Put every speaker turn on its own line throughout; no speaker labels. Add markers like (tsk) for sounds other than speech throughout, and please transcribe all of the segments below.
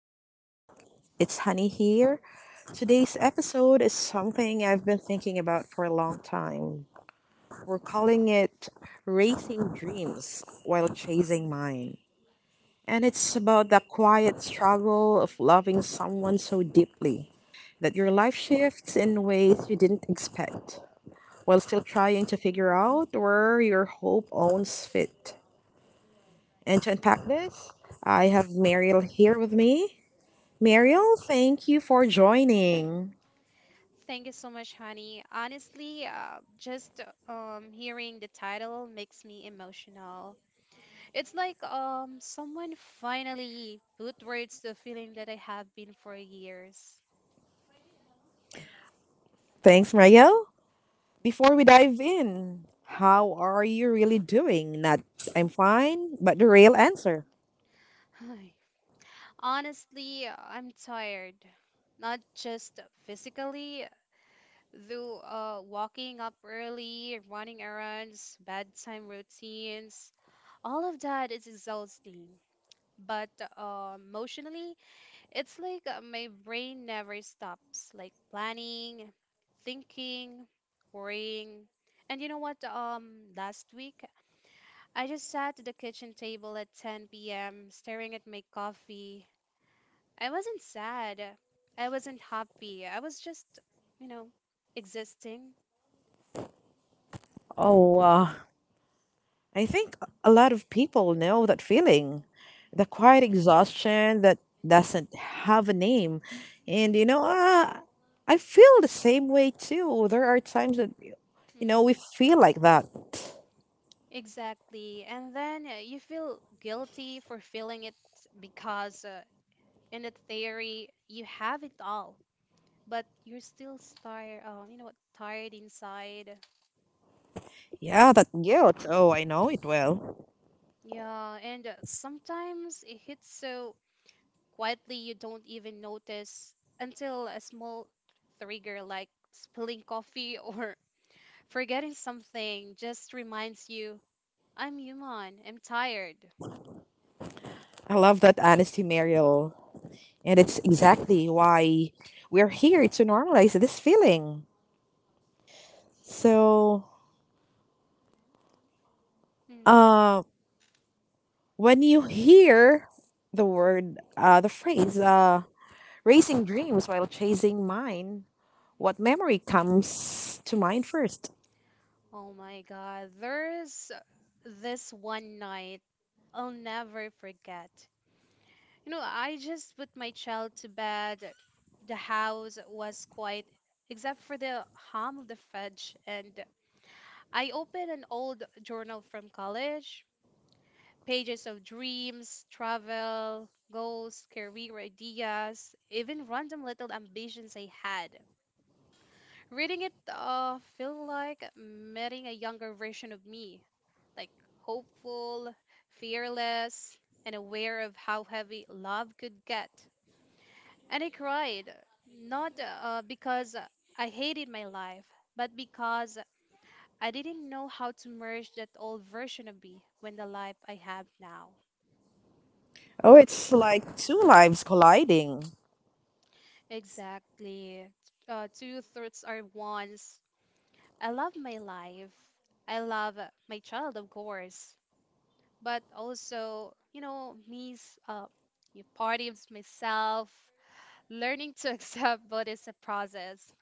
welcome back. It's Honey here. Today's episode is something I've been thinking about for a long time. We're calling it Racing Dreams While Chasing Mine. And it's about the quiet struggle of loving someone so deeply that your life shifts in ways you didn't expect while still trying to figure out where your hope owns fit. And to unpack this, I have Mariel here with me. Mariel, thank you for joining.
Thank you so much, honey. Honestly, just hearing the title makes me emotional. It's like someone finally put words to a feeling that I have been for years.
Thanks, Mariel. Before we dive in, how are you really doing? Not I'm fine, but the real answer.
Hi. Honestly, I'm tired. Not just physically, though, walking up early, running errands, bedtime routines, all of that is exhausting. But emotionally, it's like my brain never stops, like planning, thinking, worrying. And you know what? Last week I just sat at the kitchen table at 10 p.m. staring at my coffee. I wasn't sad. I wasn't happy. I was just, you know, existing.
Oh, I think a lot of people know that feeling. The quiet exhaustion that doesn't have a name. And I feel the same way too. There are times that, you know, we
Mm.
feel like that.
Exactly. And then you feel guilty for feeling it because in the theory, you have it all, but you're still tired, you know what, tired inside.
Yeah, that guilt. Oh, I know it well.
Yeah, and sometimes it hits so quietly you don't even notice until a small trigger like spilling coffee (laughs) or forgetting something just reminds you, I'm human, I'm tired.
I love that honesty, Mariel. And it's exactly why we're here to normalize this feeling. So,
Mm.
uh, when you hear the phrase, racing dreams while chasing mine, what memory comes to mind first?
Oh my God, there's this one night I'll never forget. You know, I just put my child to bed. The house was quiet, except for the hum of the fridge, and I opened an old journal from college. Pages of dreams, travel, goals, career ideas, even random little ambitions I had. Reading it felt like meeting a younger version of me, like hopeful, fearless, and aware of how heavy love could get. And I cried, not because I hated my life, but because I didn't know how to merge that old version of me with the life I have now.
Oh, it's like two lives colliding.
Exactly. Two thoughts are ones. I love my life. I love my child, of course, but also, you know, me's your party of myself, learning to (laughs) accept, but it's a process.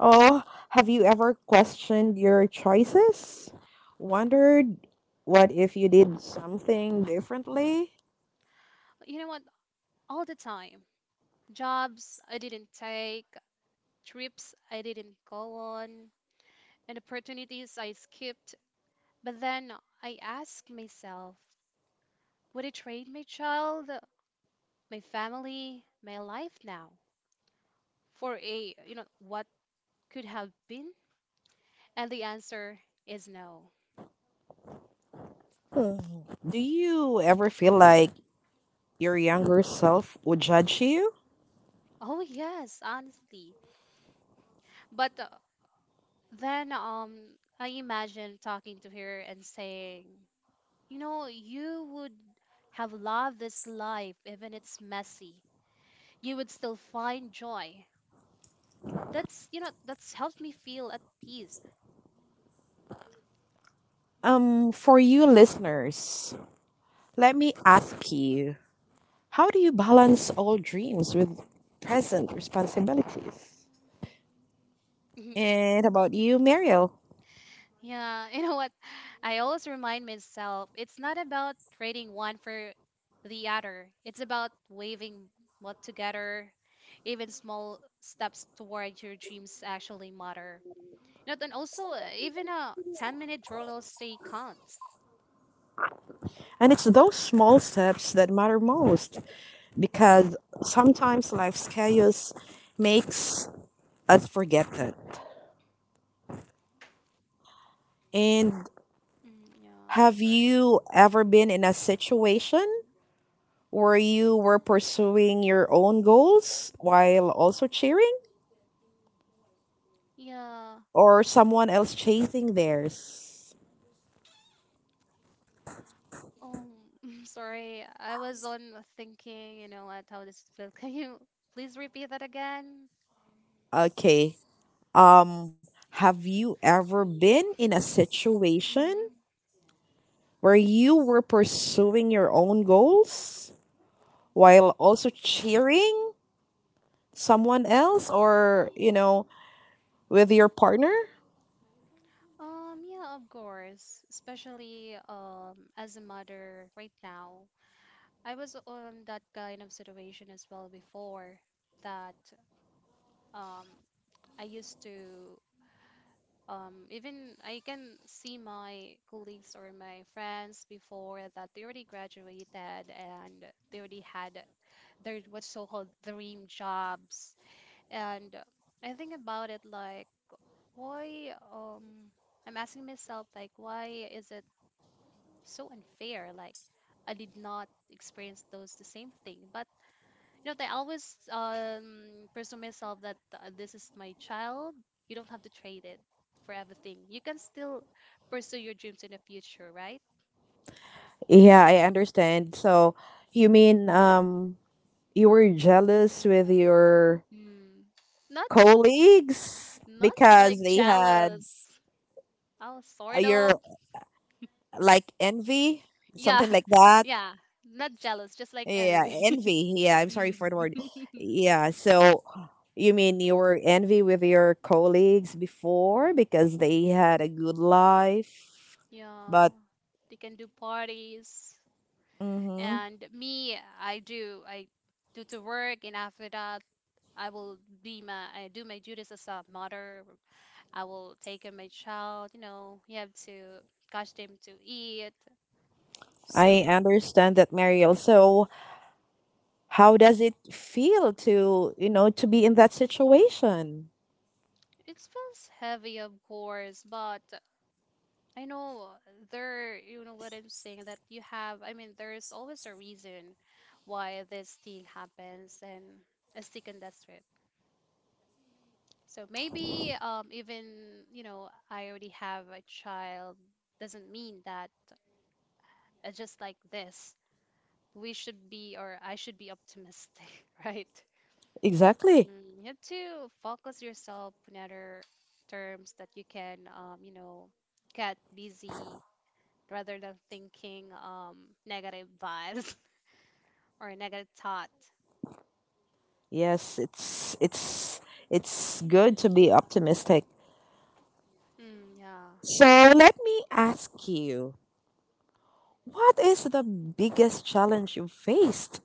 Oh, have you ever questioned your choices? Wondered what if you did something differently?
You know what? All the time. Jobs I didn't take, trips I didn't go on, and opportunities I skipped. But then I asked myself, would I trade my child, my family, my life now for a, you know, what could have been? And the answer is no.
Hmm. Do you ever feel like your younger self would judge you.
Oh, yes, honestly. But then I imagine talking to her and saying, you know, you would have loved this life, even it's messy. You would still find joy. That's, you know, that's helped me feel at peace.
For you listeners, let me ask you how do you balance old dreams with present responsibilities?
Mhm.
And about you, Mariel?
Yeah, (laughs) you know what? I always remind myself it's not about trading one for the other. It's about waving what together. Even small steps towards your dreams actually matter. You know, and also even a 10-minute journal stay counts.
And it's those small steps that matter most because sometimes life's chaos makes us forget that. And
Mm, yeah,
have
that's right.
you ever been in a situation Were you were pursuing your own goals while also cheering
Yeah.
or someone else chasing theirs?
Um, (laughs) sorry, I was on thinking, you know what, how this feels. (laughs) Can you please repeat that again?
Okay. Um, have you ever been in a situation
Mm-hmm.
where you were pursuing your own goals while also cheering someone else or, you know, with your partner?
Yeah, of course. Especially as a mother right now. I was on that kind of situation as well before that um I used to even I can see my colleagues or my friends before that they already graduated and they already had their what's so-called dream jobs. And I think about it like, why, I'm asking myself like, why is it so unfair? Like, I did not experience those the same thing, but you know, I always pursue myself that this is my child. You don't have to trade it for everything. You can still pursue your dreams in the future, right?
Yeah, I understand. So you mean you were jealous with your
Mm. Not
colleagues
not
because
like
they had
jealous. Oh, sort
your
of.
like envy,
Yeah,
something like
(laughs)
that.
yeah. Not jealous, just like
Yeah,
envy. (laughs)
envy. Yeah, I'm sorry
Mm.
for the word.
(laughs)
Yeah, so you mean you were envy with your colleagues before because they had a good life,
Yeah.
but
They can do parties.
hmm.
And me, I do to work, and after that, I do my duties as a mother. I will take care of my child. You know, you have to catch them to eat. So
I understand that, Mariel. So how does it feel to you know to be in that situation?
it feels heavy, of course, but I know there. You know what I'm saying? That you have. I mean, there is always a reason why this thing happens, and I stick on that. So maybe even, you know, I already have a child doesn't mean that just like this, we should be or I should be optimistic, (laughs) right?
Exactly.
Mm, you have to focus yourself on other terms that you can, you know, get busy rather than thinking negative vibes (laughs) or negative thought.
Yes, it's it's good to be optimistic.
Mm, yeah.
So let me ask you, what is the biggest challenge you faced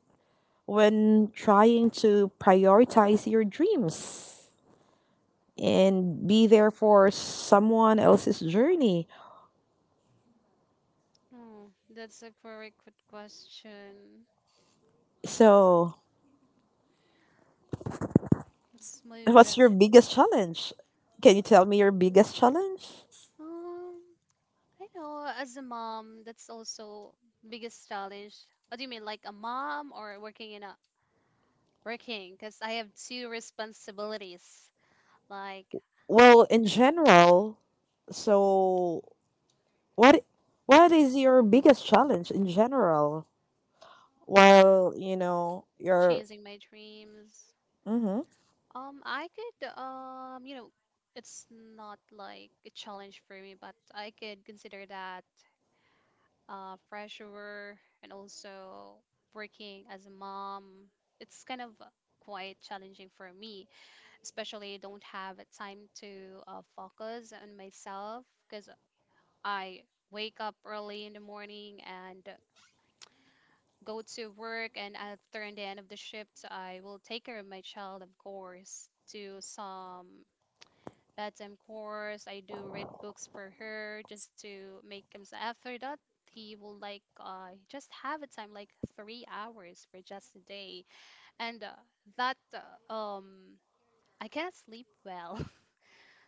when trying to prioritize your dreams and be there for someone else's journey?
Oh, that's a very good question.
So,
It's my
what's
very
your biggest challenge? Can you tell me your biggest challenge?
Um, I know as a mom, that's also biggest challenge. What do you mean, like a mom or working in a working? Because I have two responsibilities, like
Well, in general, so what what is your biggest challenge in general? While you know you're
chasing my dreams.
mm-hmm.
I could, you know, it's not like a challenge for me, but I could consider that pressure and also working as a mom. It's kind of quite challenging for me, especially don't have a time to focus on myself because I wake up early in the morning and go to work, and after in the end of the shift I will take care of my child, of course, do some bedtime course. I do read books for her just to make him, so after that he will like just have a time like 3 hours for just a day, and that I cannot sleep well.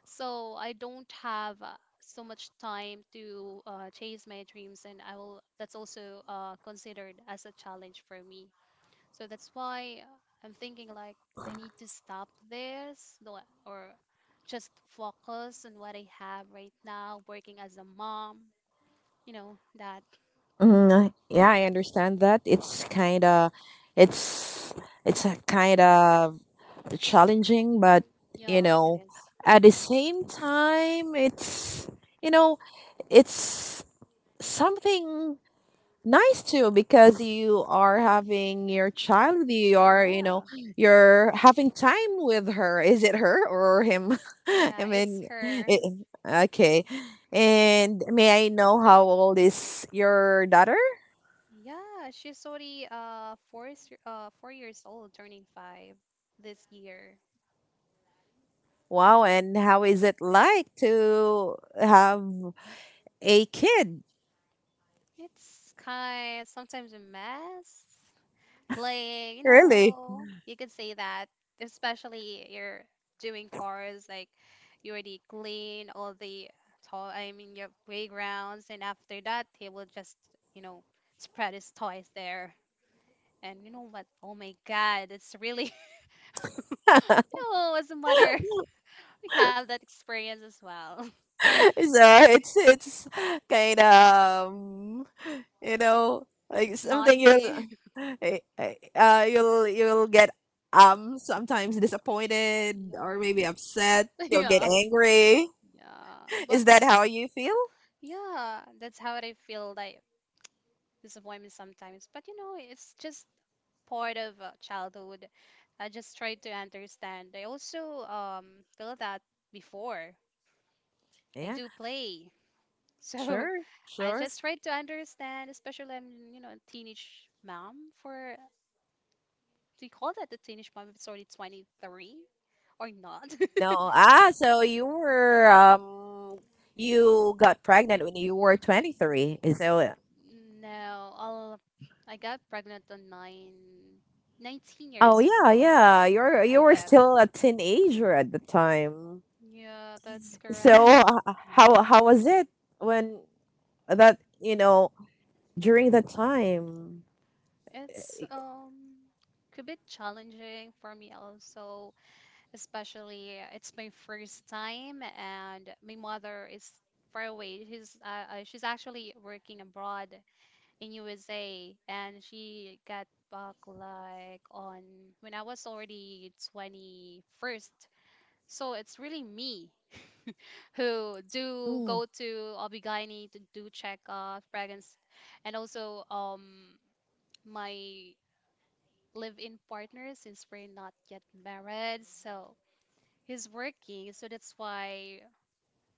So I don't have so much time to chase my dreams, and I will. That's also considered as a challenge for me. So that's why I'm thinking like I need to stop this, do, or just focus on what I have right now, working as a mom. You know that.
Mm, yeah, I understand that it's it's kind of challenging, but
You
you
Yeah, it
know
is.
at the same time it's you know it's something nice too because you are having your child with you. You are, you know,
Yeah,
you're having time with her. Is it her or him? (laughs)
know,
I
yeah, it's
mean,
(laughs) her.
it, okay. And may I know how old is your daughter?
Yeah, she's already 4 years old, turning 5 this year.
Wow, and how is it like to have a kid?
It's kind sometimes a mess. Playing, you
Really? (laughs)
know, you could say that, especially you're doing chores, like you already clean all the toy, I mean your playgrounds, and after that he will just, you know, spread his toys there. And you know what? Oh my God, it's really, (laughs) you know, as a mother, (laughs) we have that experience as well.
So it's kind of you know like
Not
something
saying.
you'll you'll get
(laughs)
sometimes disappointed or maybe upset you'll
Yeah.
get
(laughs) and yeah.
angry
Yeah. But
is that how you feel
yeah, that's how I feel, like (tsk) disappointment sometimes. But you know, it's just part of childhood. I just try to understand. I also feel that before I
yeah
do play. So
sure
(laughs) I
sure
just try to understand, especially I'm, you know, a teenage mom for, do you call that the Danish month if it's already 23 or not? (laughs)
no ah so you were you got pregnant when you were 23 so
No, I got pregnant on nineteen
oh
years
yeah
old, so
yeah you
I
were
guess.
still a teenager at the time
Yeah, that's
so
correct.
how was it when that you know during that time.
(laughs) It's could be challenging for me also, especially it's my first time and my mother is far away. She's she's actually working abroad in USA and she got back like on when I was already 21st, so it's really me who do
Mm.
go to Obigini to do checkup pregnancy and also my live in partner, since we're not yet married. So he's working, so that's why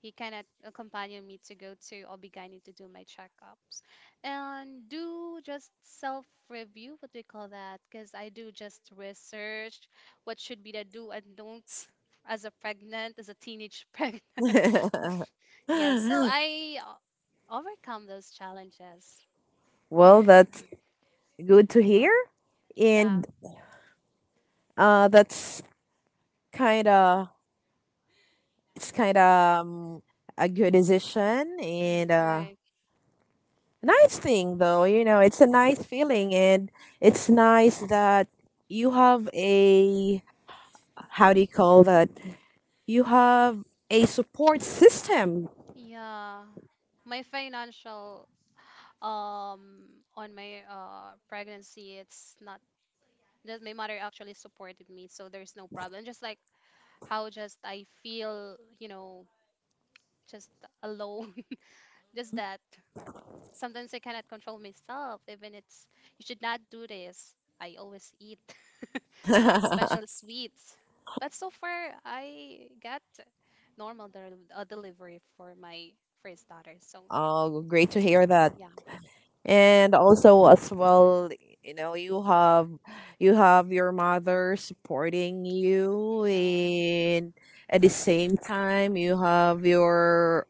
he cannot accompany me to go to Obigani to do my checkups and do just self review, what we call that, because I do just research what should be the do and don'ts as a pregnant, as a teenage (laughs) pregnant.
(laughs)
(laughs) Yeah, so overcome those challenges.
Well, that's
Mm.
good to hear,
Yeah.
and that's kind of it's kind of um, a good decision
Mm,
and
right.
a nice thing, though. You know, it's a nice feeling, and it's nice that you have a how do you call that? You have a support system.
Yeah. My financial um on my pregnancy, it's not that my mother actually supported me, so there's no problem. Just like how just I feel, you know, just alone. (laughs) Just that. Sometimes I cannot control myself, even it's you should not do this. I always eat (laughs)
(laughs)
special sweets. But so far, I got normal delivery for my first daughter. So
Oh, great to hear that.
yeah,
And also as well you know you have your mother supporting you
yeah,
and at the same time you have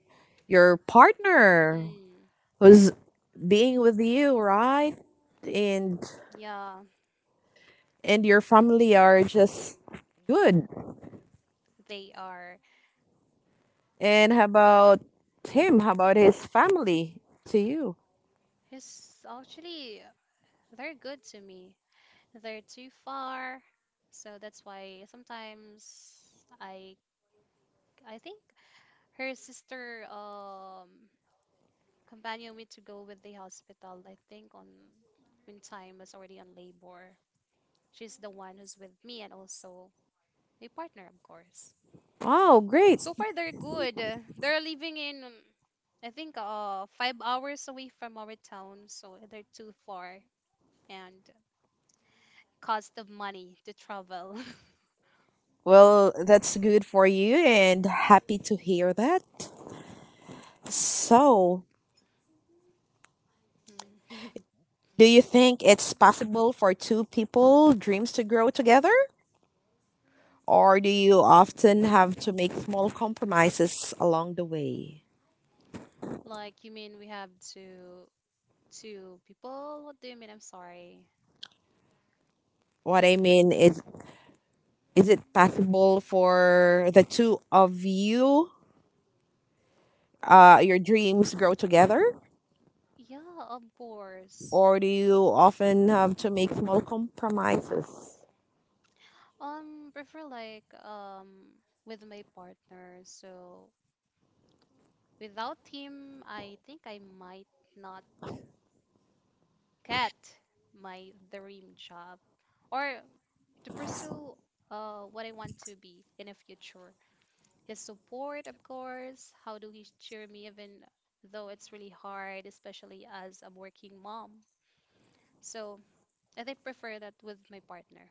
your partner
mm,
who's being with you right and
yeah.
your family are just good
They are.
and how about him how about his family to you
It's actually they're good to me. They're too far, so that's why sometimes I I think her sister companion me to go with the hospital. I think on when time was already on labor. She's the one who's with me and also my partner, of course.
wow great.
So far, they're good. They're living in, um, I think, 5 hours away from our town, so they're too far. And cost of money to travel. (laughs)
Well, that's good for you and happy to hear that. So,
Mm. (laughs)
do you think it's possible for two people dreams to grow together? Or do you often have to make small compromises along the way?
Like, you mean we have two people? What do you mean? I'm sorry.
What I mean is it possible for the two of you, your dreams grow together?
Yeah, of course.
Or do you often have to make small compromises?
Prefer like with my partner. So without him, I think I might not get my dream job or to pursue what I want to be in the future. His support, of course. How do he cheer me even though it's really hard, especially as a working mom? So I think prefer that with my partner.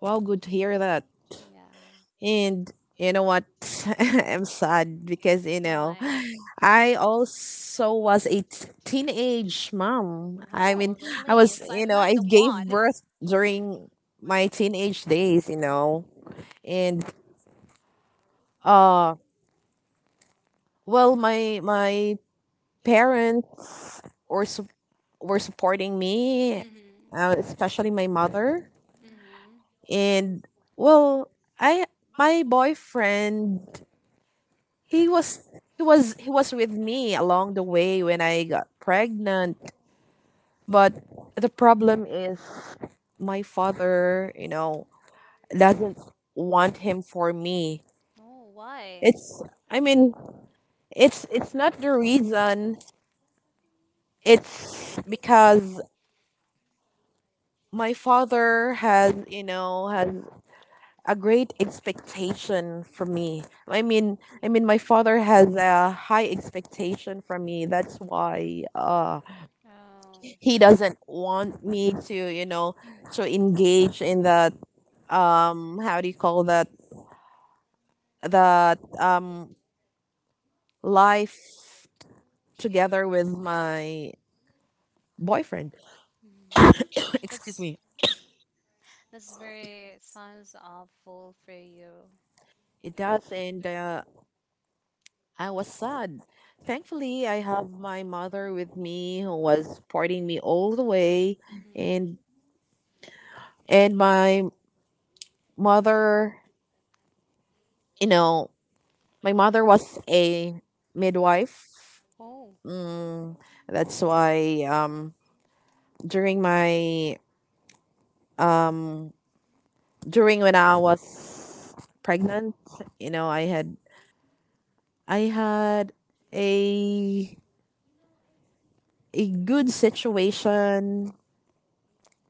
Well, good to hear that.
Yeah.
And you know what? (laughs) I'm sad because, you know,
Why?
I also was a t- teenage mom. I mean,
Oh,
I
really?
was,
So
you
I'm
know,
not
I
the
gave
one. (laughs)
birth during my teenage days, you know. And uh, well, my parents were su- were supporting me,
Mm-hmm.
especially my mother.
Mm-hmm.
And well, I my boyfriend he was he was he was with me along the way when I got pregnant. But the problem is my father, you know, doesn't want him for me.
Oh, why?
It's I mean, it's not the reason. It's because my father has, you know, has a great expectation from me.
Mm.
I mean my father has a high expectation from me. That's why
Oh.
he doesn't want me to you know to engage in that how do you call that that um life together with my boyfriend.
Mm.
(coughs)
(coughs) That's
Excuse me.
that's very sounds awful for you.
It does, and I was sad. Thankfully I have my mother with me who was supporting me all the way
Mm-hmm.
and my mother, you know, my mother was a midwife.
Oh.
That's why during my during when I was pregnant, you know, I had a good situation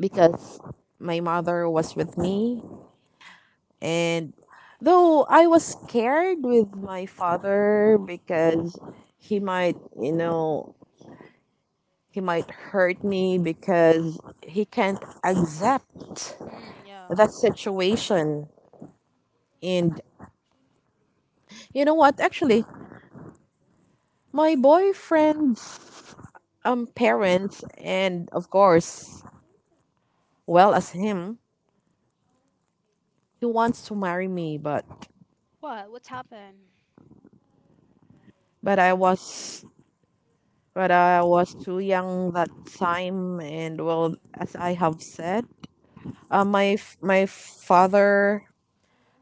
because my mother was with me. And though I was scared with my father because he might, you know, he might hurt me because he can't accept
Mm, yeah.
that situation. And you know what actually my boyfriend parents and of course well as him he wants to marry me. But
What? What's happened?
but i was but I was too young that time, and well as I have said, my f- my father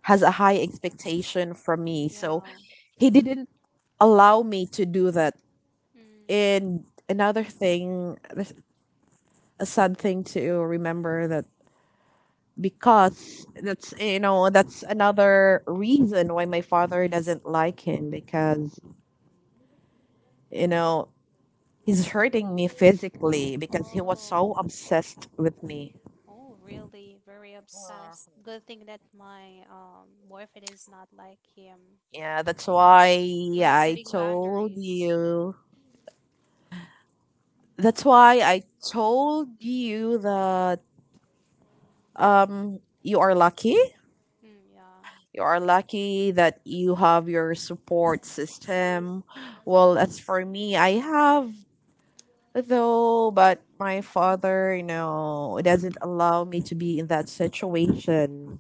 has a high expectation from me, so
Yeah.
he didn't allow me to do that.
Mm.
And another thing, a sad thing to remember that because that's you know that's another reason why my father doesn't like him because you know he's hurting me physically
so
because he was
Oh,
so obsessed with me.
oh, really? Very obsessed. Good thing that my boyfriend is not like him.
Yeah, that's why
We're
I
setting
told
boundaries.
you. That's why I told you that you are lucky.
You. Mm, yeah,
You are lucky that you have your support system. Well as for me I have though, but my father, you know, doesn't allow me to be in that situation.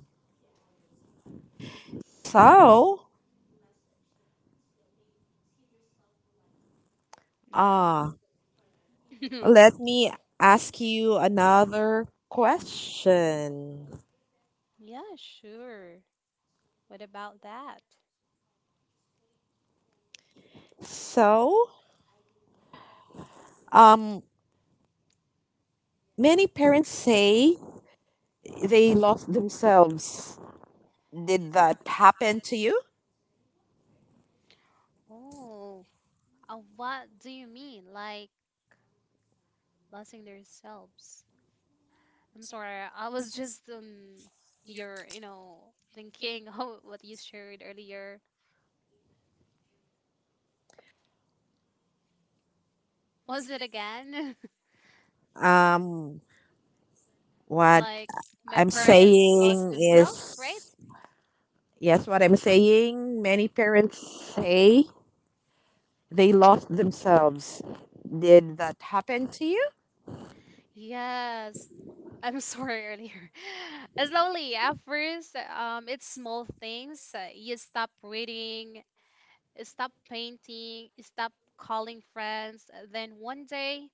So,
yeah.
ah,
(laughs)
let me ask you another question.
Yeah, sure. What about that?
So, um, many parents say they lost themselves. Did that happen to you?
Oh, what do you mean? Like losing themselves? I'm sorry. I was just your you know thinking (laughs) how what you shared earlier. Was it again? (laughs)
Um, what
Like my
I'm
parents lost
saying
themselves, right?
is, yes, what I'm saying, many parents say they lost themselves. Did that happen to you?
Yes. I'm sorry earlier. (laughs) Slowly, at first, it's small things. You stop reading, you stop painting, you stop calling friends. Then one day,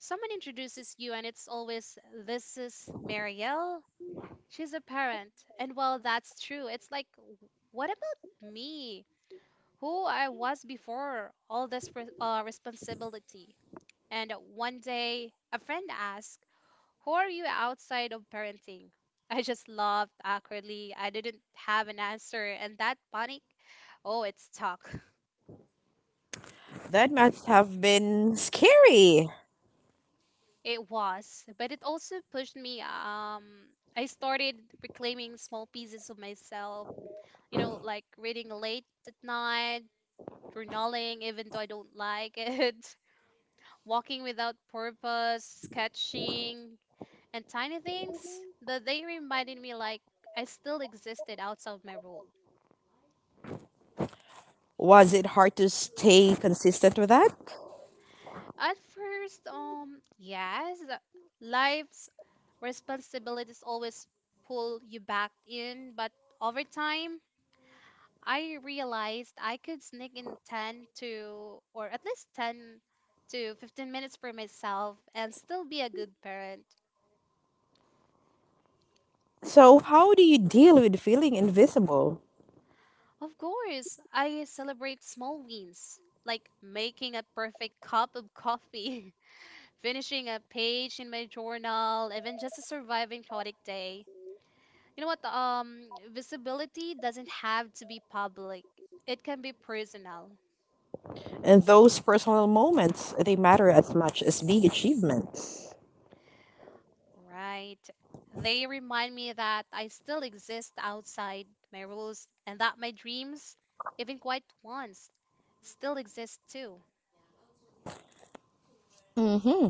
someone introduces you, and it's always, "This is Marielle. She's a parent." And well, that's true. It's like, what about me? Who I was before all this responsibility. And one day, a friend asked, "Who are you outside of parenting?" I just laughed awkwardly. I didn't have an answer. And that panic, oh, it stuck. (laughs)
That must have been scary.
It was. But it also pushed me. I started reclaiming small pieces of myself, you know, like reading late at night, journaling, even though I don't like it, (laughs) walking without purpose, sketching, and tiny things. But they reminded me like I still existed outside my role.
Was it hard to stay consistent with that?
At first, yes, life's responsibilities always pull you back in, but over time, I realized I could sneak in 10 to, or at least 10 to 15 minutes for myself and still be a good parent.
So, how do you deal with feeling invisible?
Of course, I celebrate small wins, like making a perfect cup of coffee, (laughs) finishing a page in my journal, even just a surviving chaotic day. You know what? Visibility doesn't have to be public. It can be personal,
And those personal moments, they matter as much as big achievements.
right? They remind me that I still exist outside my rules and that my dreams, even quite ones, still exist too.
Mm-hmm.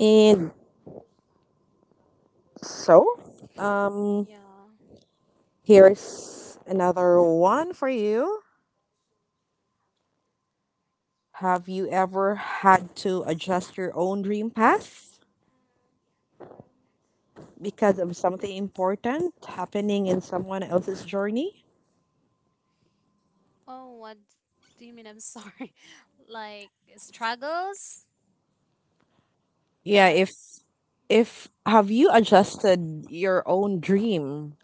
And so, um,
Yeah.
here's another one for you. Have you ever had to adjust your own dream path? Because of something important happening in someone else's journey.
Oh, what do you mean? I'm sorry. (laughs) Like struggles?
Yeah,
Like,
if have you adjusted your own dream?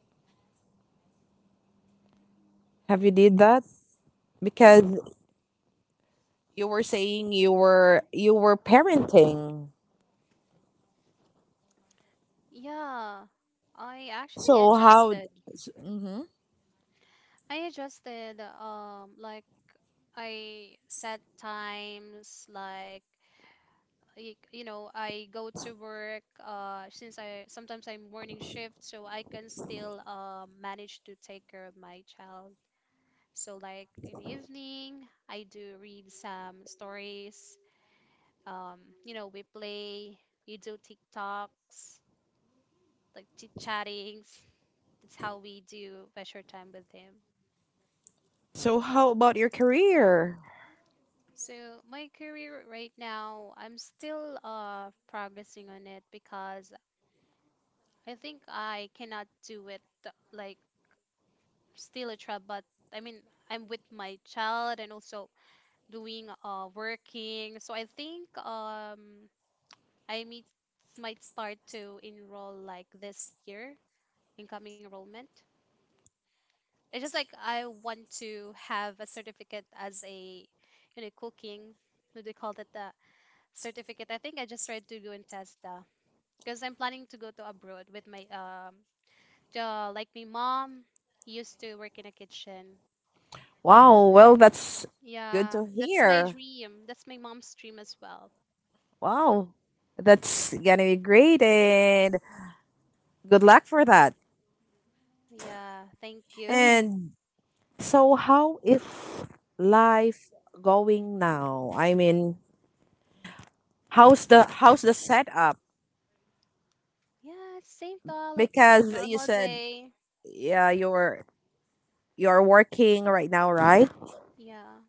Have you did that? Because you were saying you were parenting.
yeah, I actually
So how
adjusted.
hmm.
I adjusted, like I set times, like, you know, I go to work, since I sometimes I'm morning shift, so I can still, manage to take care of my child. So, like, in the evening, I do read some stories. Um, you know, we play, we do TikToks, like chit chattings. That's how we do leisure time with him.
So how about your career?
So my career right now, I'm still progressing on it because I think I cannot do it, like, still a job, but I mean I'm with my child and also doing working. So I think I meet might start to enroll like this year incoming enrollment. It's just like I want to have a certificate as a, you know, cooking. What do they call that? The certificate. I think I just tried to go and test the, because I'm planning to go to abroad with my like my mom used to work in a kitchen.
Wow, well that's good
Yeah,
to
that's my
hear.
dream. That's my mom's dream as well.
Wow. That's gonna be great, and good luck for that.
Yeah, thank you. (laughs)
And so how is life going now? I mean, how's the setup?
Yeah, same though, like
Because you
normal
said
day.
yeah, you're working right now, right?
Yeah.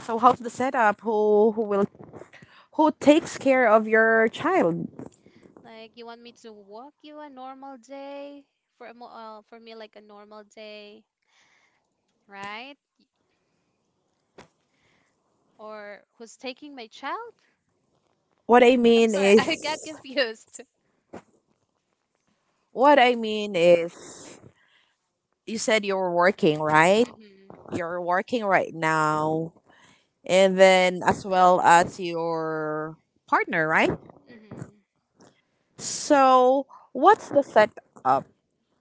So how's the setup? Who will who takes care of your child?
Like you want me to walk you a normal day for a mo for me like a normal day, right? Or who's taking my child?
What I
I'm
mean
sorry, (laughs) I got
is
confused.
what I mean is you said you're working, right?
Mm-hmm.
You're working right now. And then as well as your partner, right?
Mm-hmm.
So, what's the setup?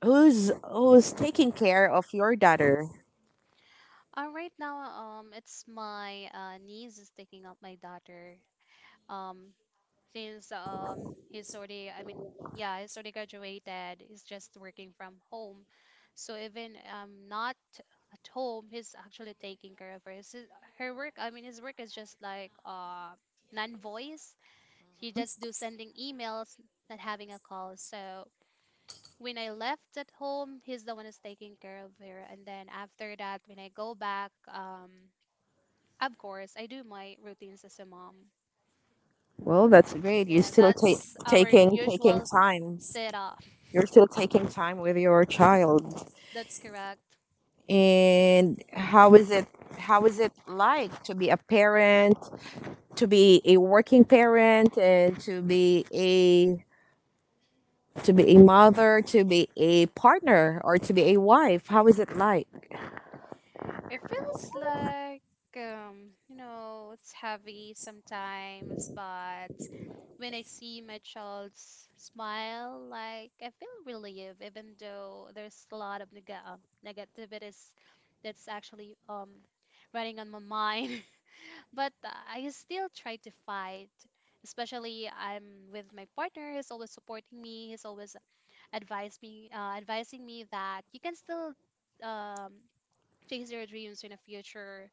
Who's taking care of your daughter?
Right now, it's my niece is taking up my daughter. Um, since he's already, I mean, yeah, he's already graduated, he's just working from home, so even not at home he's actually taking care of her, her work, I mean his work is just like non-voice, he just do sending emails, not having a call. So when I left at home he's the one who's taking care of her, and then after that when I go back, of course I do my routines as a mom.
Well, that's great. You're
Yeah,
still ta-
that's our
taking
usual
time.
setup.
You're still taking time with your child.
That's correct.
And how is it? How is it like to be a parent, to be a working parent, and to be a mother, to be a partner, or to be a wife? How is it like?
It feels like, you know, it's heavy sometimes, but when I see my child's smile, like I feel relieved, even though there's a lot of negativities that's actually running on my mind. (laughs) But I still try to fight, especially I'm with my partner. He's always supporting me. He's always advising me that you can still um, chase your dreams in the future.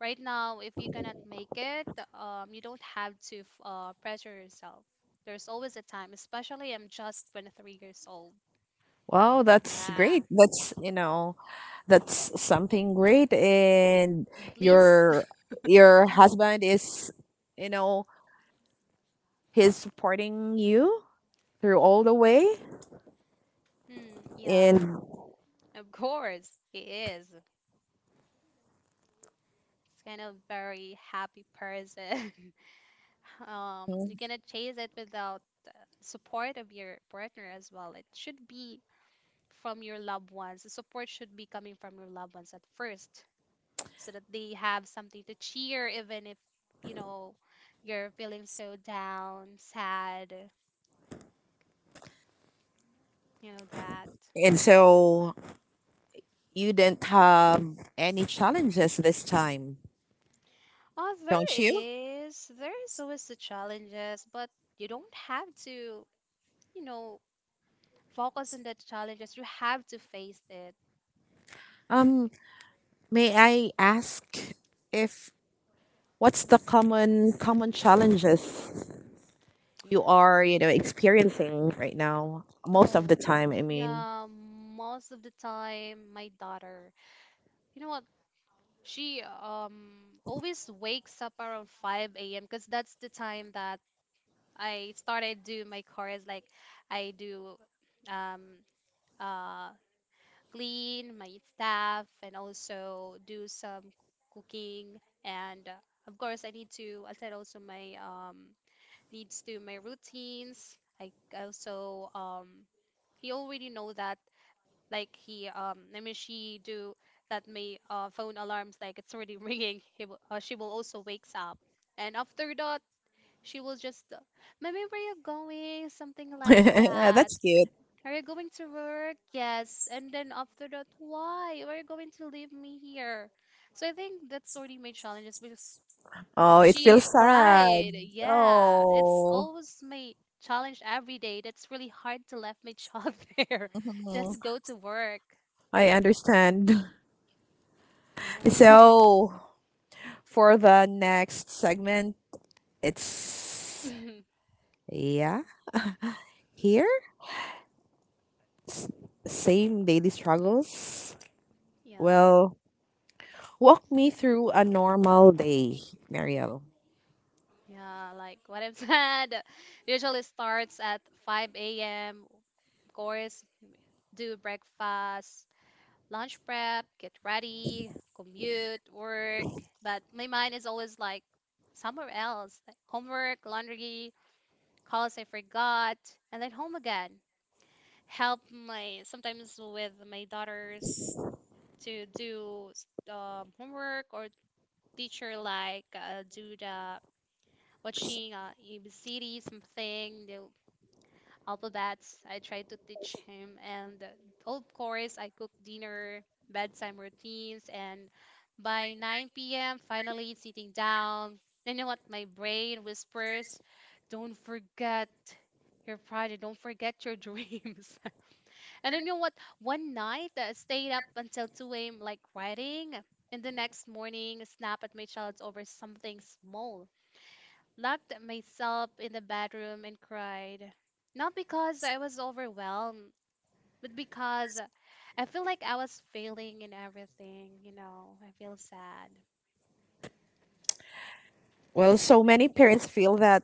Right now, if you cannot make it, you don't have to pressure yourself. There's always a time, especially I'm just 23 years old.
Wow, that's great.
Yeah,
That's you know that's something great. And
at least. (laughs)
your your husband is, you know, he's supporting you through all the way.
Hmm, yeah,
And
of course, he is. He's kind of very happy person. (laughs)
mm-hmm,
You cannot chase it without uh, support of your partner as well. It should be from your loved ones. The support should be coming from your loved ones at first, so that they have something to cheer, even if, you know, you're feeling so down, sad. You know that.
and so you didn't have any challenges this time,
Oh, there
don't you?
is. There is always the challenges, but you don't have to, you know, focus on the challenges. You have to face it.
Um, may I ask if what's the common challenges you are, you know, experiencing right now? Most of
Oh,
the time, I mean.
yeah, most of the time, my daughter, you know what? She always wakes up around 5 a.m. because that's the time that I started doing my chores. Like I do um uh clean my staff and also do some cooking and of course I need to attend also my needs to my routines. I also you already know that, like he I mean she do that, may phone alarms, like it's already ringing. (laughs) She will also wakes up, and after that she will just mommy where you going, something like
(laughs)
that,
That's cute.
are you going to work? Yes. And then after that, why? Why are you going to leave me here? So I think that's already my challenges because
Oh, it feels
she
Yes. sad.
cried. Yeah. It's
Oh,
always my challenge every day. That's really hard to leave my child (laughs) there just
mhm.
to go to work.
I understand. (laughs)
Yeah. (laughs) (laughs)
So, for the next segment, it's yeah, here. S- Same daily struggles.
Yeah.
Well, walk me through a normal day, Mariel.
Yeah, like what I've said, (laughs) usually starts at 5 a.m. Of course, do breakfast, lunch prep, get ready, commute, work. But my mind is always like somewhere else, like homework, laundry, calls I forgot, and then home again. Help my sometimes with my daughters to do homework, or teacher like do the watching, ABCD something, the alphabets. I try to teach him, and of course I cook dinner, bedtime routines, and by 9 p.m. finally sitting down. You know what? My brain whispers, "Don't forget your pride. And don't forget your (laughs) dreams." And then you know what? One night I stayed up until 2 a.m. like writing, and the next morning snap at my child over something small. Locked myself in the bedroom and cried. Not because I was overwhelmed, but because I feel like I was failing in everything, you know. I feel sad.
Well, so many parents feel that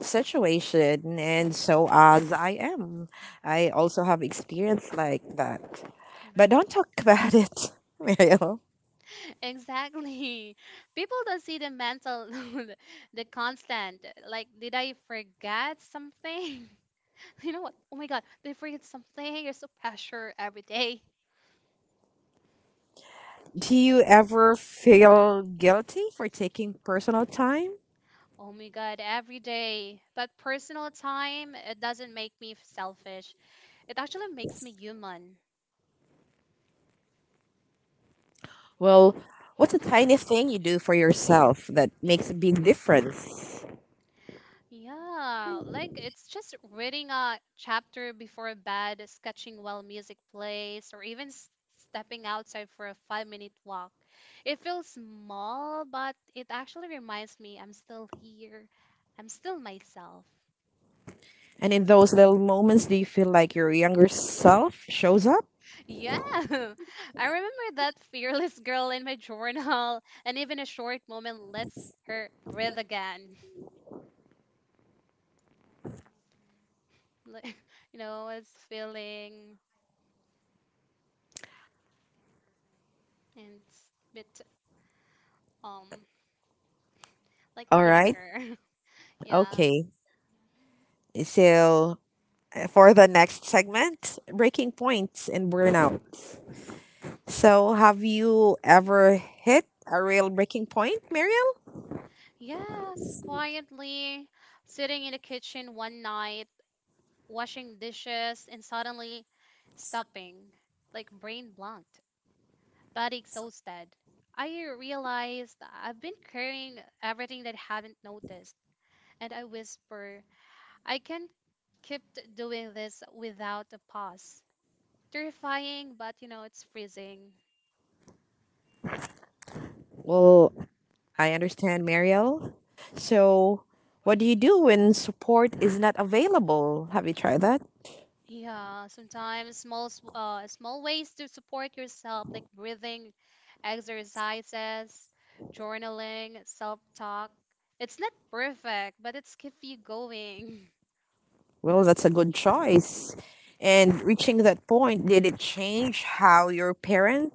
situation and so as I am. I also have experience like that.
Mhm.
But don't talk about it, (laughs) Mariel.
Exactly. (laughs) People don't see the mental, (laughs) the constant. Like, did I forget something? (laughs) You know what? Oh my god, they forget something. You're so pressure every day.
Do you ever feel guilty for taking personal time?
Oh my god, every day. But personal time, it doesn't make me selfish. It actually makes me human.
Well, what's a tiny thing you do for yourself that makes a big difference?
Yeah, like it's just reading a chapter before bed, sketching while music plays, or even stepping outside for a 5 minute walk. It feels small, but it actually reminds me I'm still here. I'm still myself.
And in those little moments, do you feel like your younger self shows up?
Yeah, (laughs) I remember that fearless girl in my journal, and even a short moment lets her breathe again. (laughs) Like, you know, it's feeling and it's a bit um like
All right.
younger. (laughs) Yeah.
Okay. So, for the next segment, breaking points and burnout. So, have you ever hit a real breaking point, Muriel?
Yes, quietly sitting in the kitchen one night, washing dishes, and suddenly stopping, like brain blanked, body exhausted. I realized I've been carrying everything that I haven't noticed, and I whisper, I can't doing this without a pause. Terrifying, but you know, it's freezing.
Well, I understand, Mariel. So, what do you do when support is not available? Have you tried that?
Yeah, sometimes small, small ways to support yourself, like breathing exercises, journaling, self-talk. It's not perfect, but it's keep you going. (laughs)
Well, that's a good choice. And reaching that point, did it change how your parent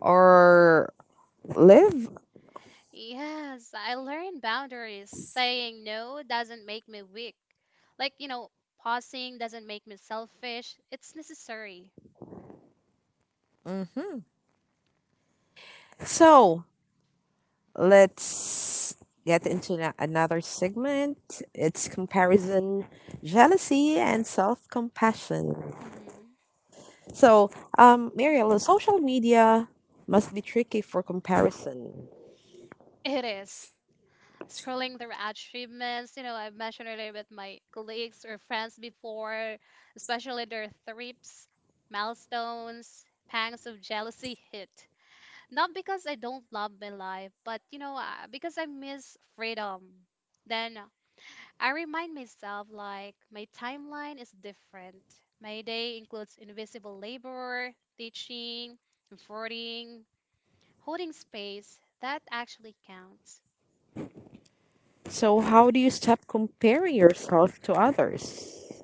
or live?
Yes, I learned boundaries. Saying no doesn't make me weak. Like, you know, pausing doesn't make me selfish. It's necessary.
Mm-hmm. So, let's get into na- another segment. It's comparison, jealousy, and self compassion.
Mhm.
So, Mariel, social media must be tricky for comparison.
It is. Scrolling through achievements, you know, I've mentioned earlier with my colleagues or friends before, especially their thrips, milestones, pangs of jealousy hit. Not because I don't love my life, but, you know, because I miss freedom. Then I remind myself, like, my timeline is different. My day includes invisible labor, teaching, comforting, holding space. That actually counts.
So, how do you stop comparing yourself to others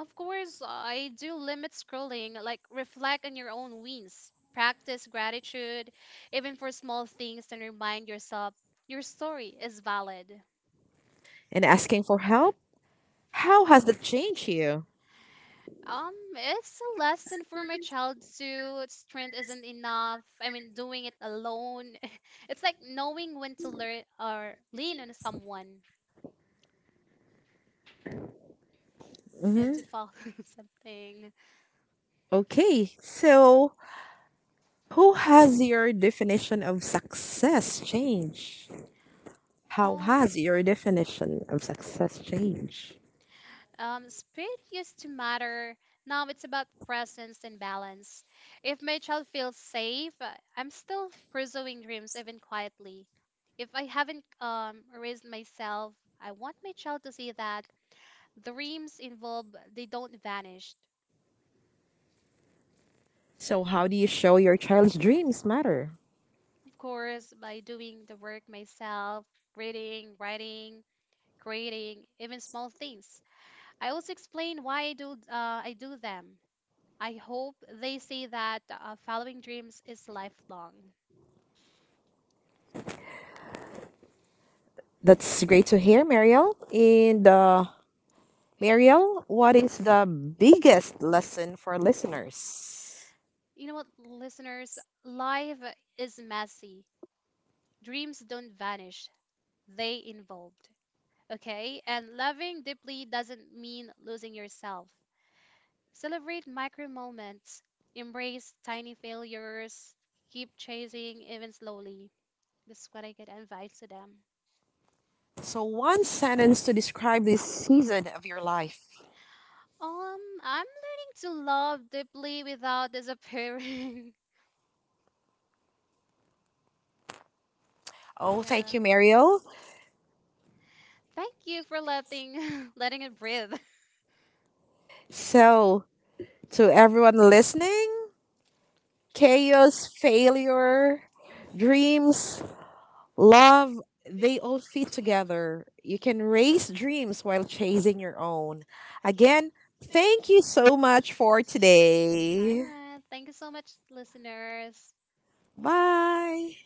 Of course, I do limit scrolling, like reflect on your own wins, practice gratitude, even for small things, and remind yourself your story is valid.
and asking for help? How has that changed you?
It's a lesson for my child too. Strength isn't enough. I mean, doing it alone. (laughs) It's like knowing when to learn or lean on someone. You have to
Hmm.
follow (laughs) something.
Okay, so who has your definition of success changed? How
Oh,
has your definition of success changed?
Speed used to matter. Now it's about presence and balance. If my child feels safe, I'm still pursuing dreams even quietly. If I haven't raised myself, I want my child to see that dreams involve, they don't vanish.
So, how do you show your child's dreams matter?
Of course, by doing the work myself, reading, writing, creating, even small things. I also explain why I do them. I hope they say that following dreams is lifelong.
That's great to hear, Mariel. And Mariel, what is the biggest lesson for listeners?
You know what, listeners? Life is messy. Dreams don't vanish, they evolved. Okay? And loving deeply doesn't mean losing yourself. Celebrate micro moments, embrace tiny failures, keep chasing even slowly. That's what I could advise to them.
So, one sentence to describe this season of your life.
Um, I'm learning to love deeply without disappearing. (laughs)
Oh,
Yeah.
thank you, Mario.
Thank you for letting (laughs) letting it breathe. (laughs)
So, to everyone listening, chaos, failure, dreams, love, they all fit together. You can raise dreams while chasing your own. Again, thank you so much for
All
today.
right. Thank you so much, listeners.
Bye.